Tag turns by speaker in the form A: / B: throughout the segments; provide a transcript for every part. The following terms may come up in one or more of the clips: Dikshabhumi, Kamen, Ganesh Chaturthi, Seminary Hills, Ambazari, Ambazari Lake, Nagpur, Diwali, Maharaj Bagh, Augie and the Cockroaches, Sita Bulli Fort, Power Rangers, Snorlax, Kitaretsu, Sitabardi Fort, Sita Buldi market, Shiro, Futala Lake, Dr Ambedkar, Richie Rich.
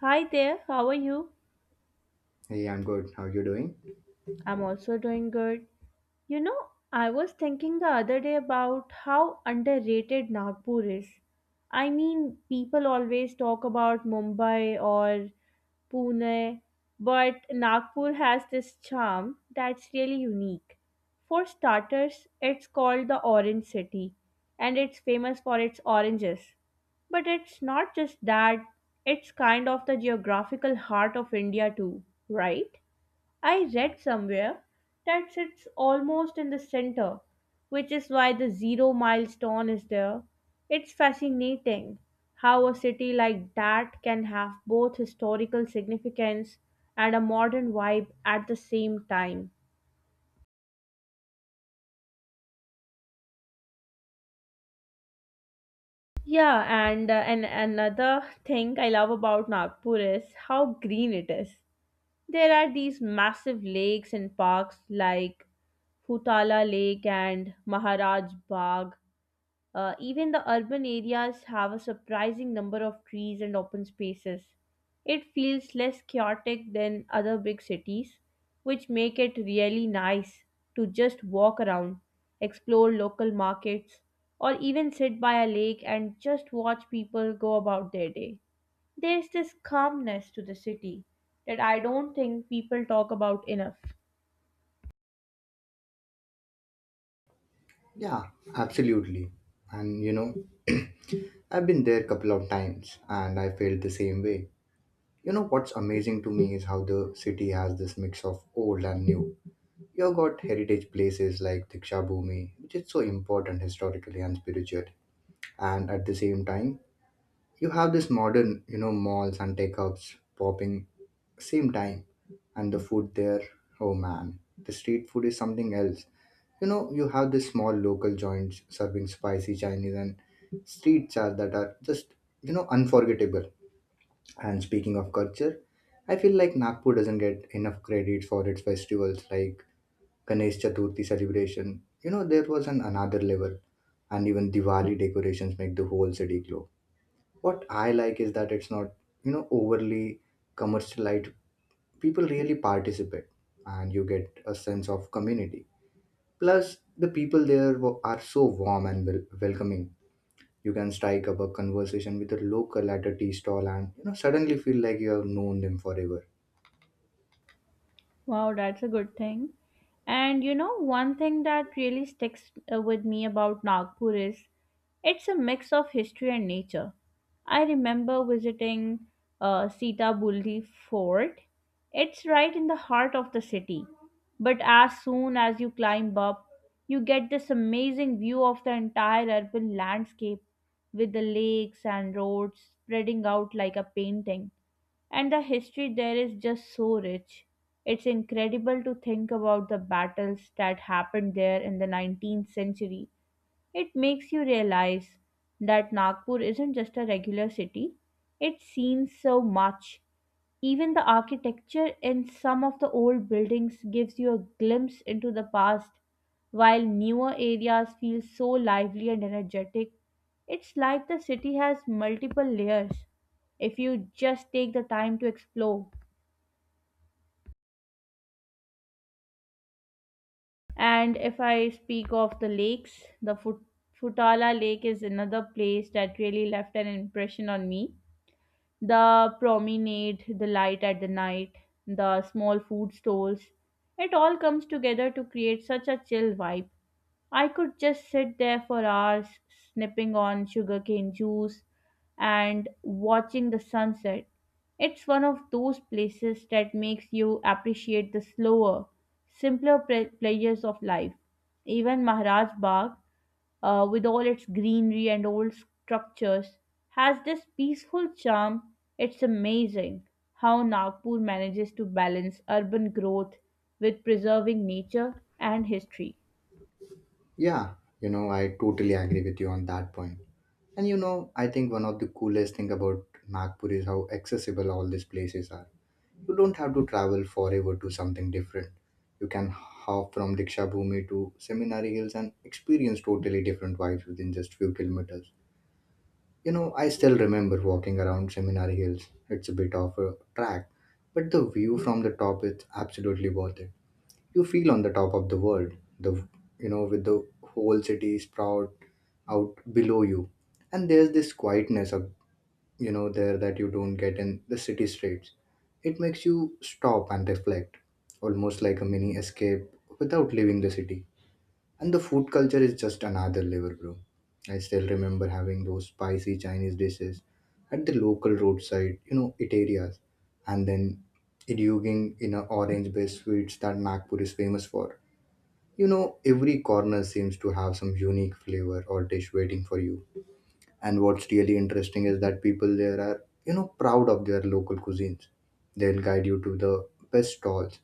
A: Hi there, how are you?
B: Hey, I'm good. How you doing?
A: I'm also doing good. You know, I was thinking the other day about how underrated Nagpur is. I mean, people always talk about Mumbai or Pune, but Nagpur has this charm that's really unique. For starters, it's called the Orange City and it's famous for its oranges. But it's not just that, it's kind of the geographical heart of India too, right? I read somewhere that sits almost in the center, which is why the zero milestone is there. It's fascinating how a city like that can have both historical significance and a modern vibe at the same time. Yeah, and another thing I love about Nagpur is how green it is. There are these massive lakes and parks like Futala Lake and Maharaj Bagh. Even the urban areas have a surprising number of trees and open spaces. It feels less chaotic than other big cities, which make it really nice to just walk around, explore local markets, or even sit by a lake and just watch people go about their day. There's this calmness to the city that I don't think people talk about enough.
B: Yeah, absolutely. And I've been there a couple of times and I felt the same way. You know what's amazing to me is how the city has this mix of old and new. You've got heritage places like Dikshabhumi, which is so important historically and spiritually. And at the same time, you have this modern, malls and tech hubs popping same time. And the food there, oh man, the street food is something else. You have these small local joints serving spicy Chinese and street chaat that are just, unforgettable. And speaking of culture, I feel like Nagpur doesn't get enough credit for its festivals like Ganesh Chaturthi celebration. There was an another level, and even Diwali decorations make the whole city glow. What I like is that it's not, overly commercialized. People really participate, and you get a sense of community. Plus, the people there are so warm and welcoming. You can strike up a conversation with a local at a tea stall and suddenly feel like you have known them forever.
A: Wow, that's a good thing. And you know, one thing that really sticks with me about Nagpur is it's a mix of history and nature. I remember visiting Sita Bulli Fort. It's right in the heart of the city. But as soon as you climb up, you get this amazing view of the entire urban landscape with the lakes and roads spreading out like a painting. And the history there is just so rich. It's incredible to think about the battles that happened there in the 19th century. It makes you realize that Nagpur isn't just a regular city, it's seen so much. Even the architecture in some of the old buildings gives you a glimpse into the past, while newer areas feel so lively and energetic. It's like the city has multiple layers if you just take the time to explore. And if I speak of the lakes, the Futala Lake is another place that really left an impression on me. The promenade, the light at the night, the small food stalls, it all comes together to create such a chill vibe. I could just sit there for hours snipping on sugarcane juice and watching the sunset. It's one of those places that makes you appreciate the slower, simpler pleasures of life. Even Maharaj Bagh, with all its greenery and old structures, has this peaceful charm. It's amazing how Nagpur manages to balance urban growth with preserving nature and history.
B: Yeah, I totally agree with you on that point. And I think one of the coolest thing about Nagpur is how accessible all these places are. You don't have to travel forever to something different. You can hop from Diksha Bhumi to Seminary Hills and experience totally different vibes within just few kilometers. I still remember walking around Seminary Hills. It's a bit of a track, but the view from the top is absolutely worth it. You feel on the top of the world, the with the whole city sprout out below you. And there's this quietness of there that you don't get in the city streets. It makes you stop and reflect, almost like a mini escape without leaving the city. And the food culture is just another level, bro. I still remember having those spicy Chinese dishes at the local roadside, it areas, and then indulging in a orange-based sweets that Nagpur is famous for. Every corner seems to have some unique flavor or dish waiting for you. And what's really interesting is that people there are, proud of their local cuisines. They'll guide you to the best stalls,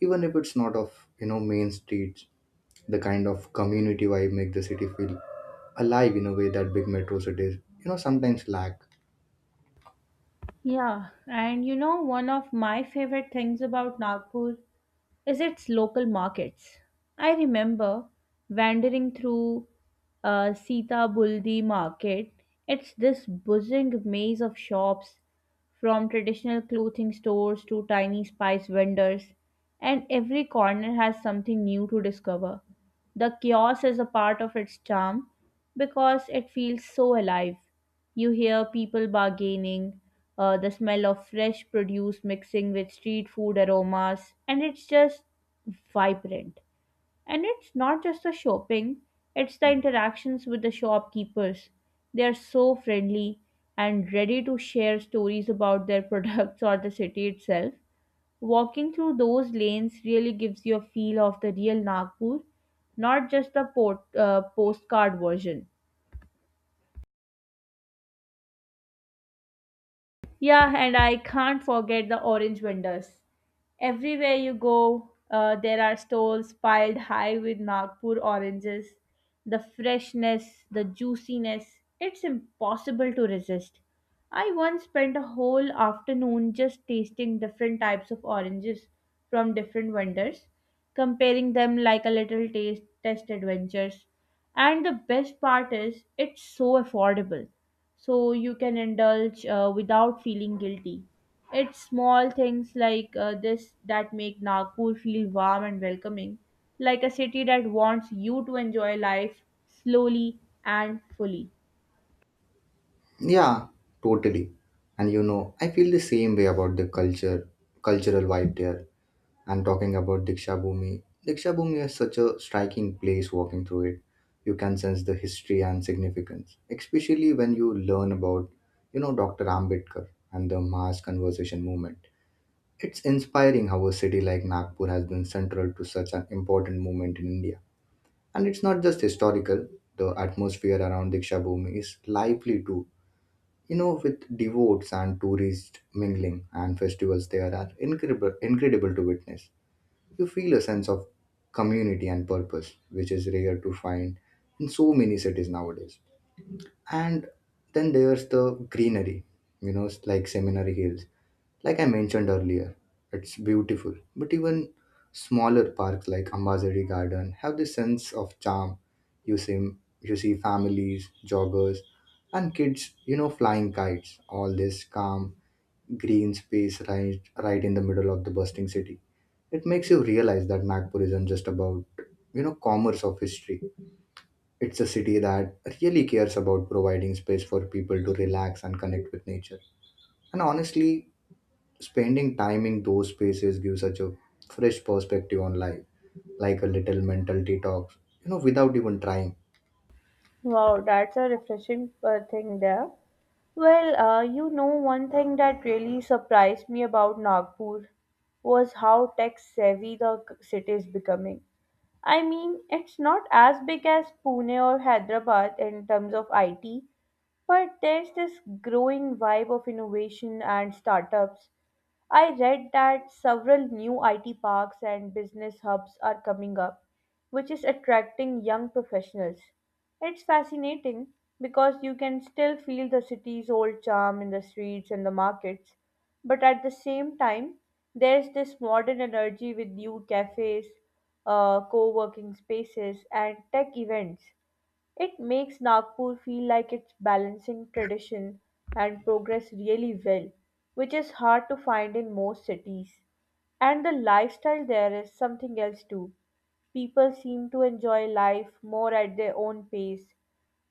B: even if it's not of, main streets. The kind of community vibe make the city feel alive in a way that big metro cities sometimes lack.
A: Yeah, and you know, one of my favorite things about Nagpur is its local markets. I remember wandering through Sita Buldi market. It's this buzzing maze of shops from traditional clothing stores to tiny spice vendors, and every corner has something new to discover. The chaos is a part of its charm because it feels so alive. You hear people bargaining, the smell of fresh produce mixing with street food aromas, and it's just vibrant. And it's not just the shopping, it's the interactions with the shopkeepers. They are so friendly and ready to share stories about their products or the city itself. Walking through those lanes really gives you a feel of the real Nagpur, not just the postcard version. Yeah, and I can't forget the orange vendors. Everywhere you go, there are stalls piled high with Nagpur oranges. The freshness, the juiciness, it's impossible to resist. I once spent a whole afternoon just tasting different types of oranges from different vendors, comparing them like a little taste test adventures. And the best part is it's so affordable. So you can indulge without feeling guilty. It's small things like this that make Nagpur feel warm and welcoming, like a city that wants you to enjoy life slowly and fully.
B: Yeah, totally. And I feel the same way about the culture cultural vibe there. And talking about Diksha Bhumi. Diksha Bhumi is such a striking place walking through it. You can sense the history and significance, especially when you learn about, Dr. Ambedkar and the mass conversation movement. It's inspiring how a city like Nagpur has been central to such an important movement in India. And it's not just historical, the atmosphere around Dikshabhumi is lively too. With devotes and tourists mingling, and festivals there are incredible, incredible to witness. You feel a sense of community and purpose, which is rare to find in so many cities nowadays. And then there's the greenery. It's like Seminary Hills, like I mentioned earlier. It's beautiful, but even smaller parks like Ambazari Garden have this sense of charm. you see you see families, joggers, and kids flying kites. All this calm green space right in the middle of the bustling city. It makes you realize that Nagpur isn't just about, commerce of history. It's a city that really cares about providing space for people to relax and connect with nature. And honestly, spending time in those spaces gives such a fresh perspective on life, like a little mental detox, without even trying.
A: Wow, that's a refreshing thing there. Well, one thing that really surprised me about Nagpur was how tech savvy the city is becoming. I mean, it's not as big as Pune or Hyderabad in terms of IT, but there's this growing vibe of innovation and startups. I read that several new IT parks and business hubs are coming up, which is attracting young professionals. It's fascinating because you can still feel the city's old charm in the streets and the markets, but at the same time, there's this modern energy with new cafes, co working spaces, and tech events. It makes Nagpur feel like it's balancing tradition and progress really well, which is hard to find in most cities. And the lifestyle there is something else too. People seem to enjoy life more at their own pace.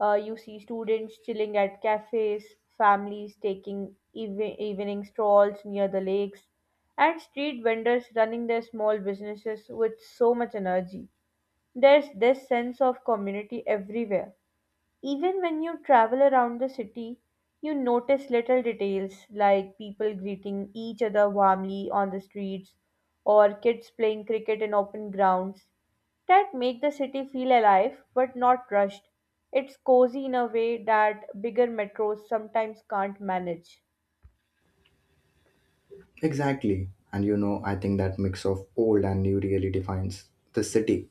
A: You see students chilling at cafes, families taking evening strolls near the lakes, and street vendors running their small businesses with so much energy. There's this sense of community everywhere. Even when you travel around the city, you notice little details like people greeting each other warmly on the streets or kids playing cricket in open grounds that make the city feel alive but not rushed. It's cozy in a way that bigger metros sometimes can't manage.
B: Exactly. And I think that mix of old and new really defines the city.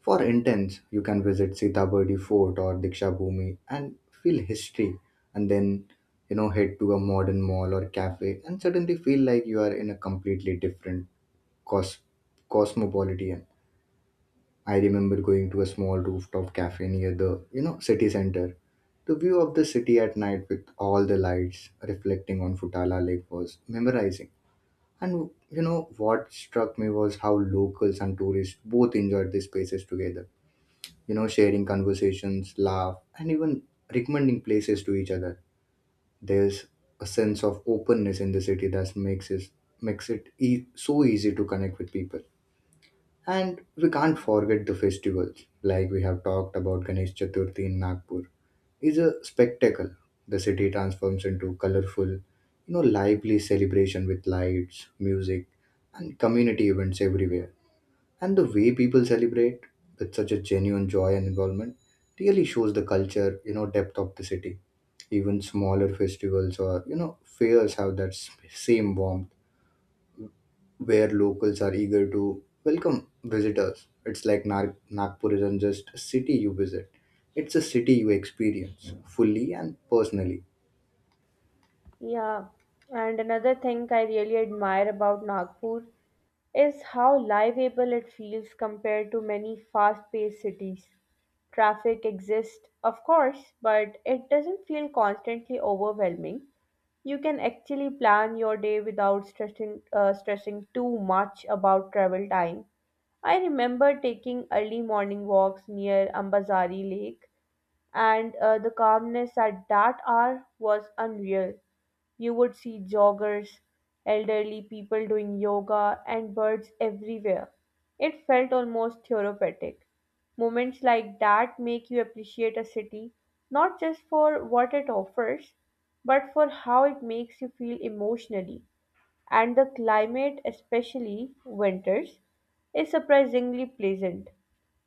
B: For intense, you can visit Sitabardi Fort or Dikshabhumi and feel history, and then head to a modern mall or cafe and suddenly feel like you are in a completely different cos- cosmopolitan. I remember going to a small rooftop cafe near the city center. The view of the city at night with all the lights reflecting on Futala Lake was memorizing. And you know what struck me was how locals and tourists both enjoyed these spaces together, sharing conversations, laugh, and even recommending places to each other. There's a sense of openness in the city that makes it so easy to connect with people. And we can't forget the festivals, like we have talked about. Ganesh Chaturthi in Nagpur is a spectacle. The city transforms into colorful, lively celebration with lights, music, and community events everywhere. And the way people celebrate with such a genuine joy and involvement really shows the culture, depth of the city. Even smaller festivals or, fairs have that same warmth, where locals are eager to welcome visitors. It's like Nagpur isn't just a city you visit, it's a city you experience fully and personally.
A: Yeah, and another thing I really admire about Nagpur is how livable it feels compared to many fast paced cities. Traffic exists, of course, but it doesn't feel constantly overwhelming. You can actually plan your day without stressing too much about travel time. I remember taking early morning walks near Ambazari Lake, and the calmness at that hour was unreal. You would see joggers, elderly people doing yoga, and birds everywhere. It felt almost therapeutic. Moments like that make you appreciate a city not just for what it offers, but for how it makes you feel emotionally. And the climate, especially winters, is surprisingly pleasant.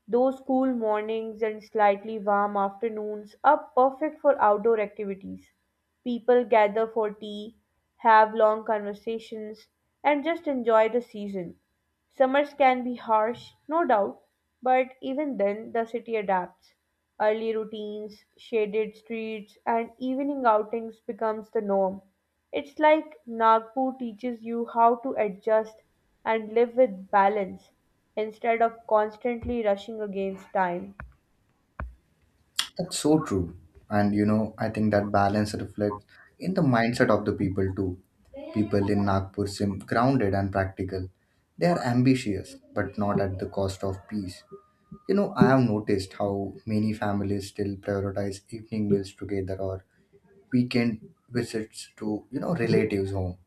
A: Those cool mornings and slightly warm afternoons are perfect for outdoor activities. People gather for tea, have long conversations, and just enjoy the season. Summers can be harsh, no doubt, but even then the city adapts. Early routines, shaded streets, and evening outings becomes the norm. It's like Nagpur teaches you how to adjust and live with balance instead of constantly rushing against time.
B: That's so true. And I think that balance reflects in the mindset of the people too. People in Nagpur seem grounded and practical. They are ambitious, but not at the cost of peace. I have noticed how many families still prioritize evening meals together or weekend visits to, relatives' home.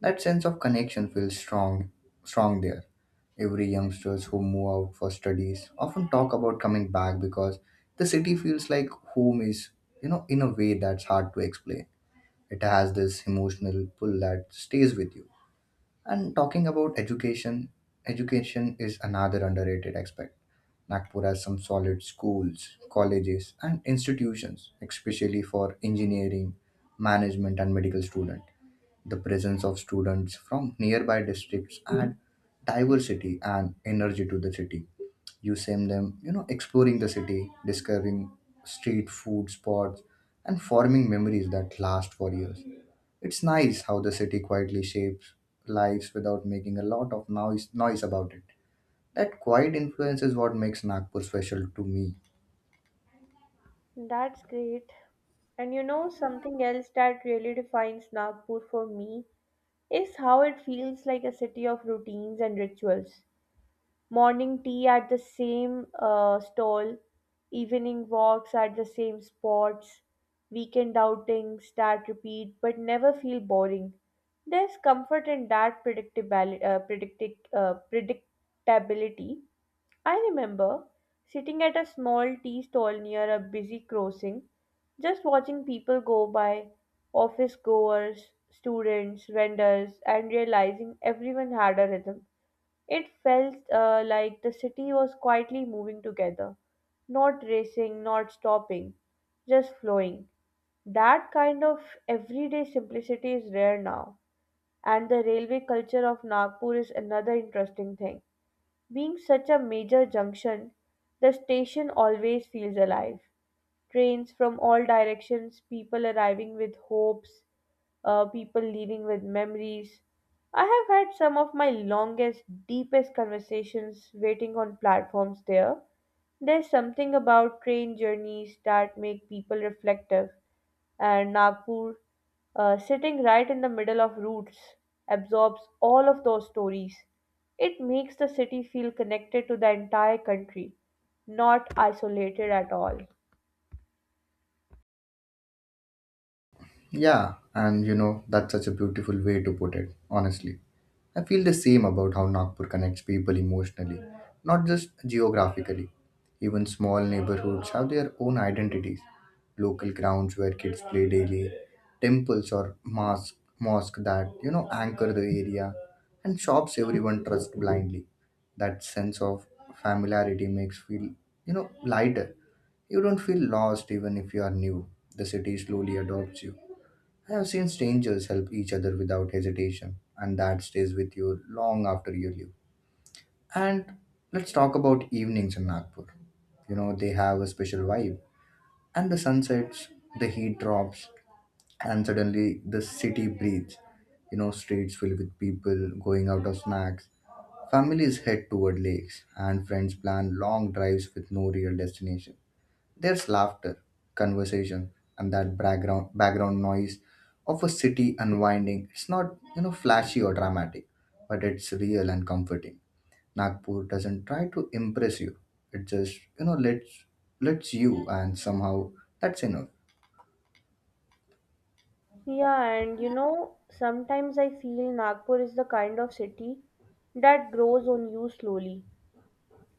B: That sense of connection feels strong there. Every youngsters who move out for studies often talk about coming back, because the city feels like home is, in a way that's hard to explain. It has this emotional pull that stays with you. And talking about education is another underrated aspect. Nagpur has some solid schools, colleges, and institutions, especially for engineering, management, and medical students. The presence of students from nearby districts add diversity and energy to the city. You see them, exploring the city, discovering street food spots, and forming memories that last for years. It's nice how the city quietly shapes lives without making a lot of noise about it. That quiet influence is what makes Nagpur special to me.
A: That's great. And you know, something else that really defines Nagpur for me is how it feels like a city of routines and rituals. Morning tea at the same stall, evening walks at the same spots, weekend outings that repeat but never feel boring. There's comfort in that predictability. I remember sitting at a small tea stall near a busy crossing, just watching people go by, office goers, students, vendors, and realizing everyone had a rhythm. It felt like the city was quietly moving together, not racing, not stopping, just flowing. That kind of everyday simplicity is rare now. And the railway culture of Nagpur is another interesting thing. Being such a major junction, the station always feels alive. Trains from all directions, people arriving with hopes, people leaving with memories. I have had some of my longest, deepest conversations waiting on platforms there. There's something about train journeys that make people reflective, and Nagpur, sitting right in the middle of routes, absorbs all of those stories. It makes the city feel connected to the entire country, not isolated at all.
B: Yeah, and that's such a beautiful way to put it, honestly. I feel the same about how Nagpur connects people emotionally, not just geographically. Even small neighborhoods have their own identities. Local grounds where kids play daily, temples or mosque that, anchor the area, and shops everyone trusts blindly. That sense of familiarity makes feel, lighter. You don't feel lost even if you are new. The city slowly adopts you. I have seen strangers help each other without hesitation, and that stays with you long after you leave. And let's talk about evenings in Nagpur. They have a special vibe. And the sunsets, the heat drops, and suddenly the city breathes. Streets filled with people going out of snacks. Families head toward lakes, and friends plan long drives with no real destination. There's laughter, conversation, and that background noise of a city unwinding. It's not flashy or dramatic, but it's real and comforting. Nagpur doesn't try to impress you. It just lets you, and somehow that's enough.
A: Yeah, and you know, sometimes I feel Nagpur is the kind of city that grows on you slowly.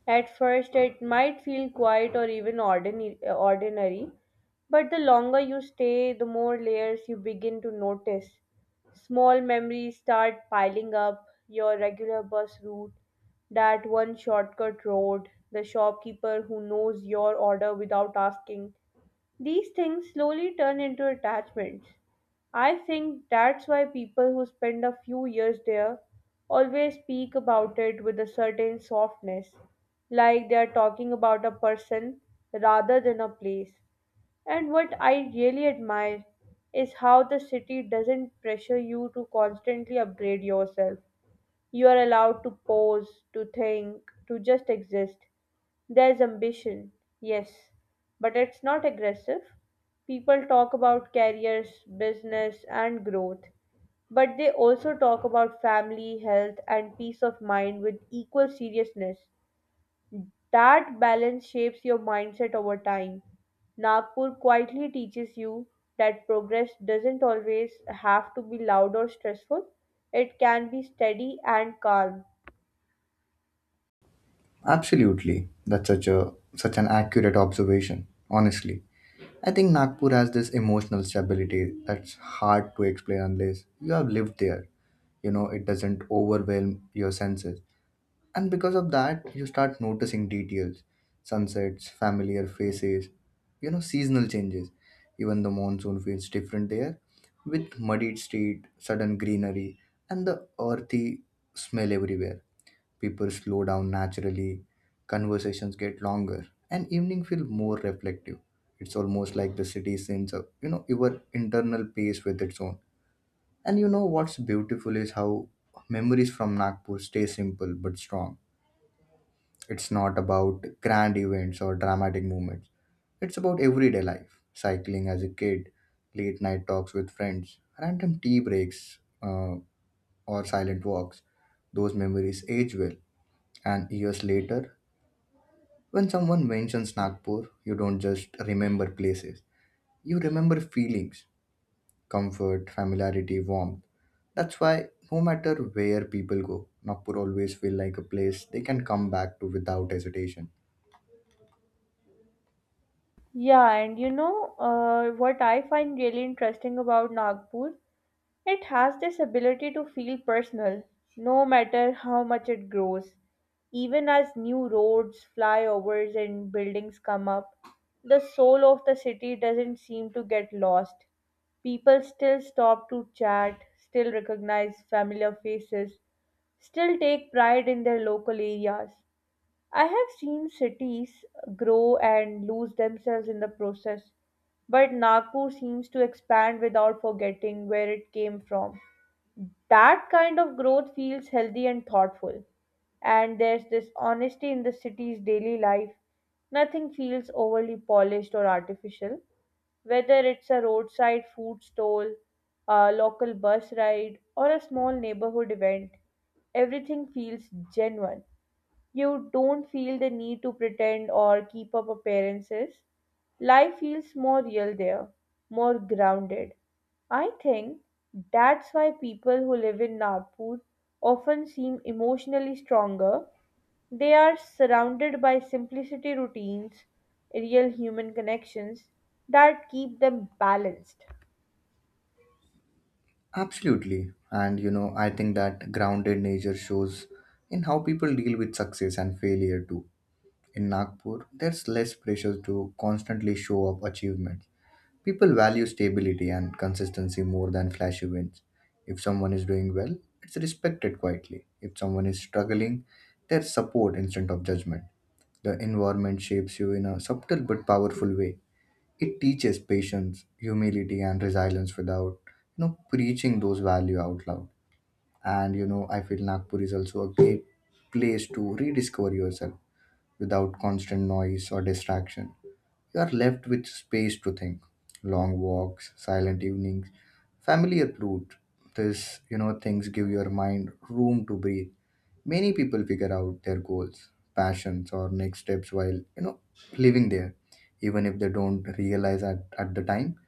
A: At first, it might feel quiet or even ordinary, but the longer you stay, the more layers you begin to notice. Small memories start piling up your regular bus route, that one shortcut road, the shopkeeper who knows your order without asking, these things slowly turn into attachments. I think that's why people who spend a few years there always speak about it with a certain softness, like they are talking about a person rather than a place. And what I really admire is how the city doesn't pressure you to constantly upgrade yourself. You are allowed to pause, to think, to just exist. There's ambition, yes, but it's not aggressive. People talk about careers, business, and growth, but they also talk about family, health, and peace of mind with equal seriousness. That balance shapes your mindset over time. Nagpur quietly teaches you that progress doesn't always have to be loud or stressful, it can be steady and calm.
B: Absolutely, that's such an accurate observation. Honestly, I think Nagpur has this emotional stability that's hard to explain unless you have lived there. It doesn't overwhelm your senses. And because of that, you start noticing details, sunsets, familiar faces, seasonal changes. Even the monsoon feels different there, with muddied street, sudden greenery, and the earthy smell everywhere. People slow down naturally, conversations get longer, and evening feel more reflective. It's almost like the city sends up, your internal pace with its own. And you know what's beautiful is how memories from Nagpur stay simple but strong. It's not about grand events or dramatic moments. It's about everyday life, cycling as a kid, late night talks with friends, random tea breaks, or silent walks. Those memories age well. And years later, when someone mentions Nagpur, you don't just remember places, you remember feelings, comfort, familiarity, warmth. That's why, no matter where people go, Nagpur always feel like a place they can come back to without hesitation.
A: Yeah, and you know, what I find really interesting about Nagpur? It has this ability to feel personal, no matter how much it grows. Even as new roads, flyovers, and buildings come up, the soul of the city doesn't seem to get lost. People still stop to chat, still recognize familiar faces, still take pride in their local areas. I have seen cities grow and lose themselves in the process, but Nagpur seems to expand without forgetting where it came from. That kind of growth feels healthy and thoughtful, and there's this honesty in the city's daily life. Nothing feels overly polished or artificial, whether it's a roadside food stall, a local bus ride, or a small neighborhood event everything feels genuine. You don't feel the need to pretend or keep up appearances. Life feels more real there, more grounded. I think that's why people who live in Nagpur often seem emotionally stronger. They are surrounded by simplicity routines, real human connections that keep them balanced.
B: Absolutely. And I think that grounded nature shows in how people deal with success and failure too. In Nagpur, there's less pressure to constantly show up achievements. People value stability and consistency more than flashy wins. If someone is doing well, it's respected quietly. If someone is struggling, there's support instead of judgment. The environment shapes you in a subtle but powerful way. It teaches patience, humility, and resilience without, preaching those values out loud. And I feel Nagpur is also a great place to rediscover yourself without constant noise or distraction. You are left with space to think. Long walks, silent evenings, familiar food. This, things give your mind room to breathe. Many people figure out their goals, passions, or next steps while, living there, even if they don't realize at the time.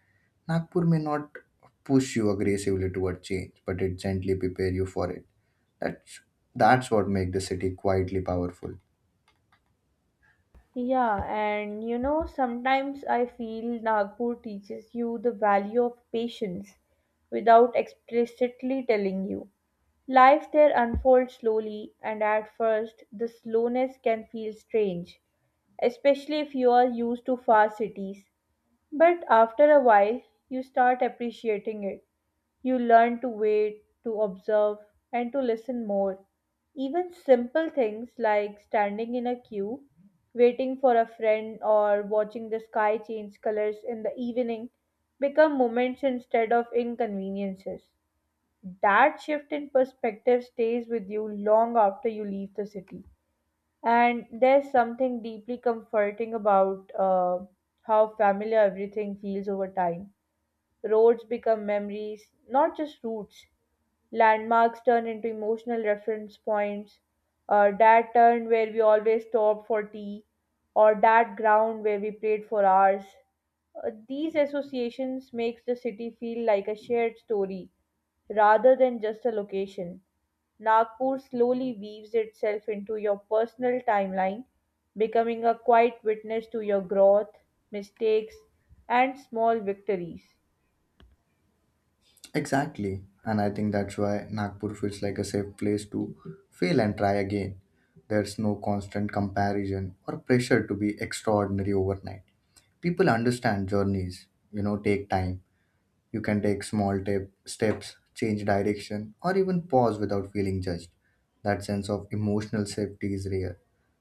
B: Nagpur may not push you aggressively toward change, but it gently prepare you for it. That's that's what makes the city quietly powerful.
A: Yeah, and you know, sometimes I feel Nagpur teaches you the value of patience without explicitly telling you. Life there unfolds slowly, and at first, the slowness can feel strange, especially if you are used to fast cities. But after a while, you start appreciating it. You learn to wait, to observe, and to listen more. Even simple things like standing in a queue, waiting for a friend, or watching the sky change colors in the evening become moments instead of inconveniences. That shift in perspective stays with you long after you leave the city. And there's something deeply comforting about how familiar everything feels over time. Roads become memories, not just routes. Landmarks turn into emotional reference points. That turn where we always stopped for tea, or that ground where we played for hours. These associations makes the city feel like a shared story rather than just a location. Nagpur slowly weaves itself into your personal timeline, becoming a quiet witness to your growth, mistakes, and small victories.
B: Exactly. And I think that's why Nagpur feels like a safe place to fail and try again. There's no constant comparison or pressure to be extraordinary overnight. People understand journeys, take time. You can take small steps, change direction, or even pause without feeling judged. That sense of emotional safety is rare,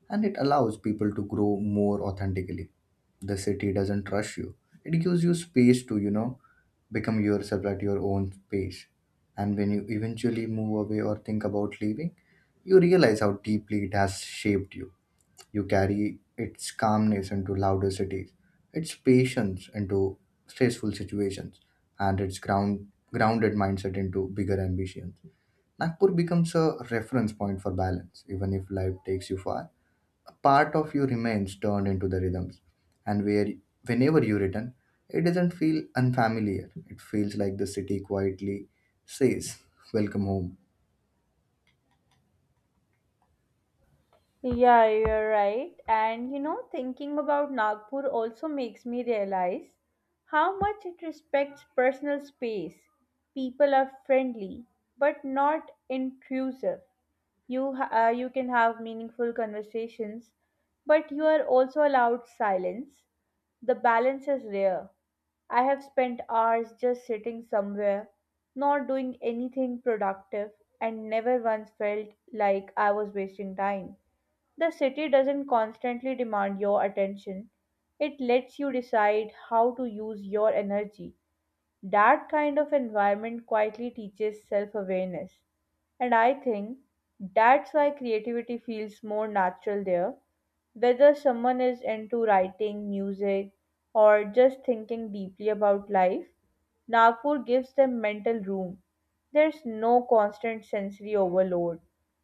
B: and it allows people to grow more authentically. The city doesn't rush you. It gives you space to, become yourself at your own pace. And when you eventually move away or think about leaving, you realize how deeply it has shaped you. You carry its calmness into louder cities, its patience into stressful situations, and its grounded mindset into bigger ambitions. Nagpur becomes a reference point for balance. Even if life takes you far, a part of you remains turned into the rhythms. And where whenever you return, it doesn't feel unfamiliar. It feels like the city quietly says, welcome home.
A: Yeah, you're right. And you know, thinking about Nagpur also makes me realize how much it respects personal space. People are friendly, but not intrusive. You can have meaningful conversations, but you are also allowed silence. The balance is rare. I have spent hours just sitting somewhere, not doing anything productive, and never once felt like I was wasting time. The city doesn't constantly demand your attention, it lets you decide how to use your energy. That kind of environment quietly teaches self awareness. And I think that's why creativity feels more natural there, whether someone is into writing, music, or just thinking deeply about life. Nagpur gives them mental room. There's no constant sensory overload.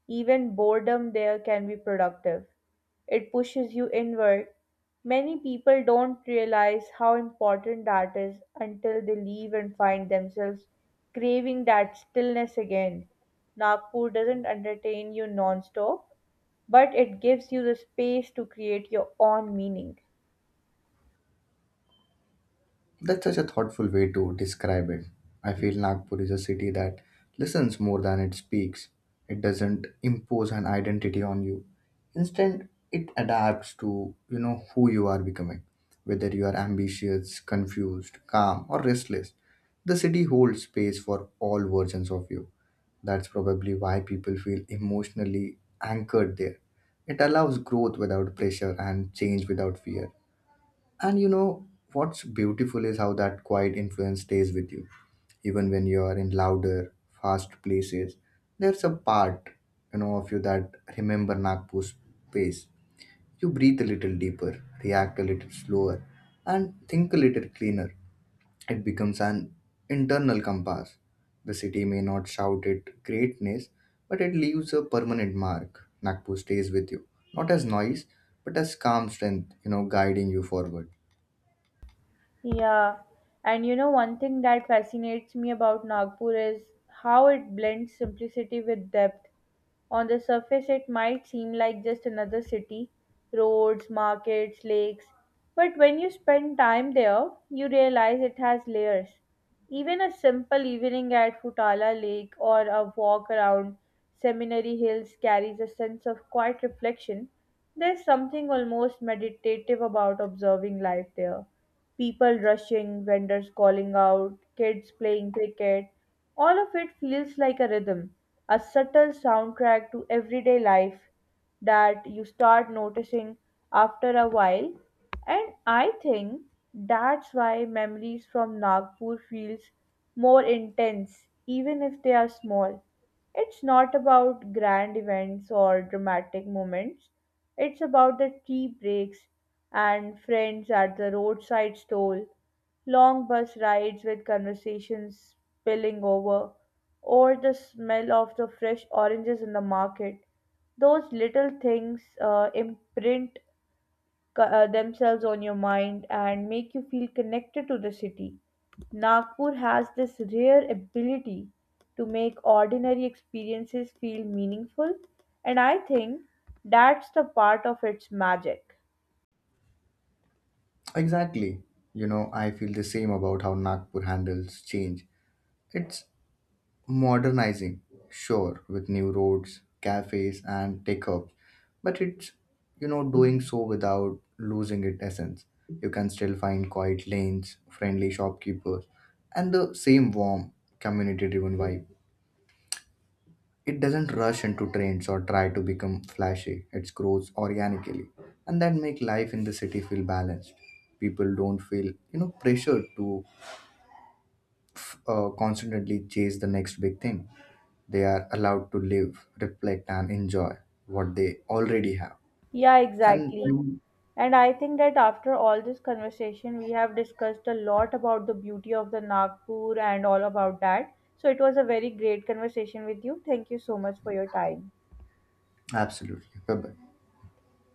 A: Even boredom there can be productive. It pushes you inward. Many people don't realize how important that is until they leave and find themselves craving that stillness again. Nagpur doesn't entertain you non stop, but it gives you the space to create your own meaning.
B: That's such a thoughtful way to describe it. I feel Nagpur is a city that listens more than it speaks. It doesn't impose an identity on you. Instead, it adapts to, who you are becoming. Whether you are ambitious, confused, calm, or restless, the city holds space for all versions of you. That's probably why people feel emotionally anchored there. It allows growth without pressure and change without fear. And you know what's beautiful is how that quiet influence stays with you. Even when you are in louder, fast places, there's a part, of you that remember Nagpur's pace. You breathe a little deeper, react a little slower, and think a little cleaner. It becomes an internal compass. The city may not shout it greatness, but it leaves a permanent mark. Nagpur stays with you, not as noise, but as calm strength, guiding you forward.
A: Yeah, and you know, one thing that fascinates me about Nagpur is how it blends simplicity with depth. On the surface, it might seem like just another city roads, markets, lakes. But when you spend time there, you realize it has layers. Even a simple evening at Futala Lake or a walk around Seminary Hills carries a sense of quiet reflection. There's something almost meditative about observing life there. People rushing, vendors calling out, kids playing cricket, all of it feels like a rhythm, a subtle soundtrack to everyday life that you start noticing after a while. And I think that's why memories from Nagpur feels more intense, even if they are small. It's not about grand events or dramatic moments, it's about the tea breaks and friends at the roadside stall, long bus rides with conversations spilling over, or the smell of the fresh oranges in the market. Those little things imprint themselves on your mind and make you feel connected to the city. Nagpur has this rare ability to make ordinary experiences feel meaningful, and I think that's the part of its magic.
B: Exactly. I feel the same about how Nagpur handles change. It's modernizing, sure, with new roads, cafes, and tech hubs, but it's, doing so without losing its essence. You can still find quiet lanes, friendly shopkeepers, and the same warm, community driven vibe. It doesn't rush into trends or try to become flashy. It grows organically, and that make life in the city feel balanced. People don't feel, pressured to constantly chase the next big thing. They are allowed to live, reflect, and enjoy what they already have.
A: Yeah, exactly.
B: And
A: And I think that after all this conversation, we have discussed a lot about the beauty of the Nagpur and all about that. So it was a very great conversation with you. Thank you so much for your time.
B: absolutely, bye.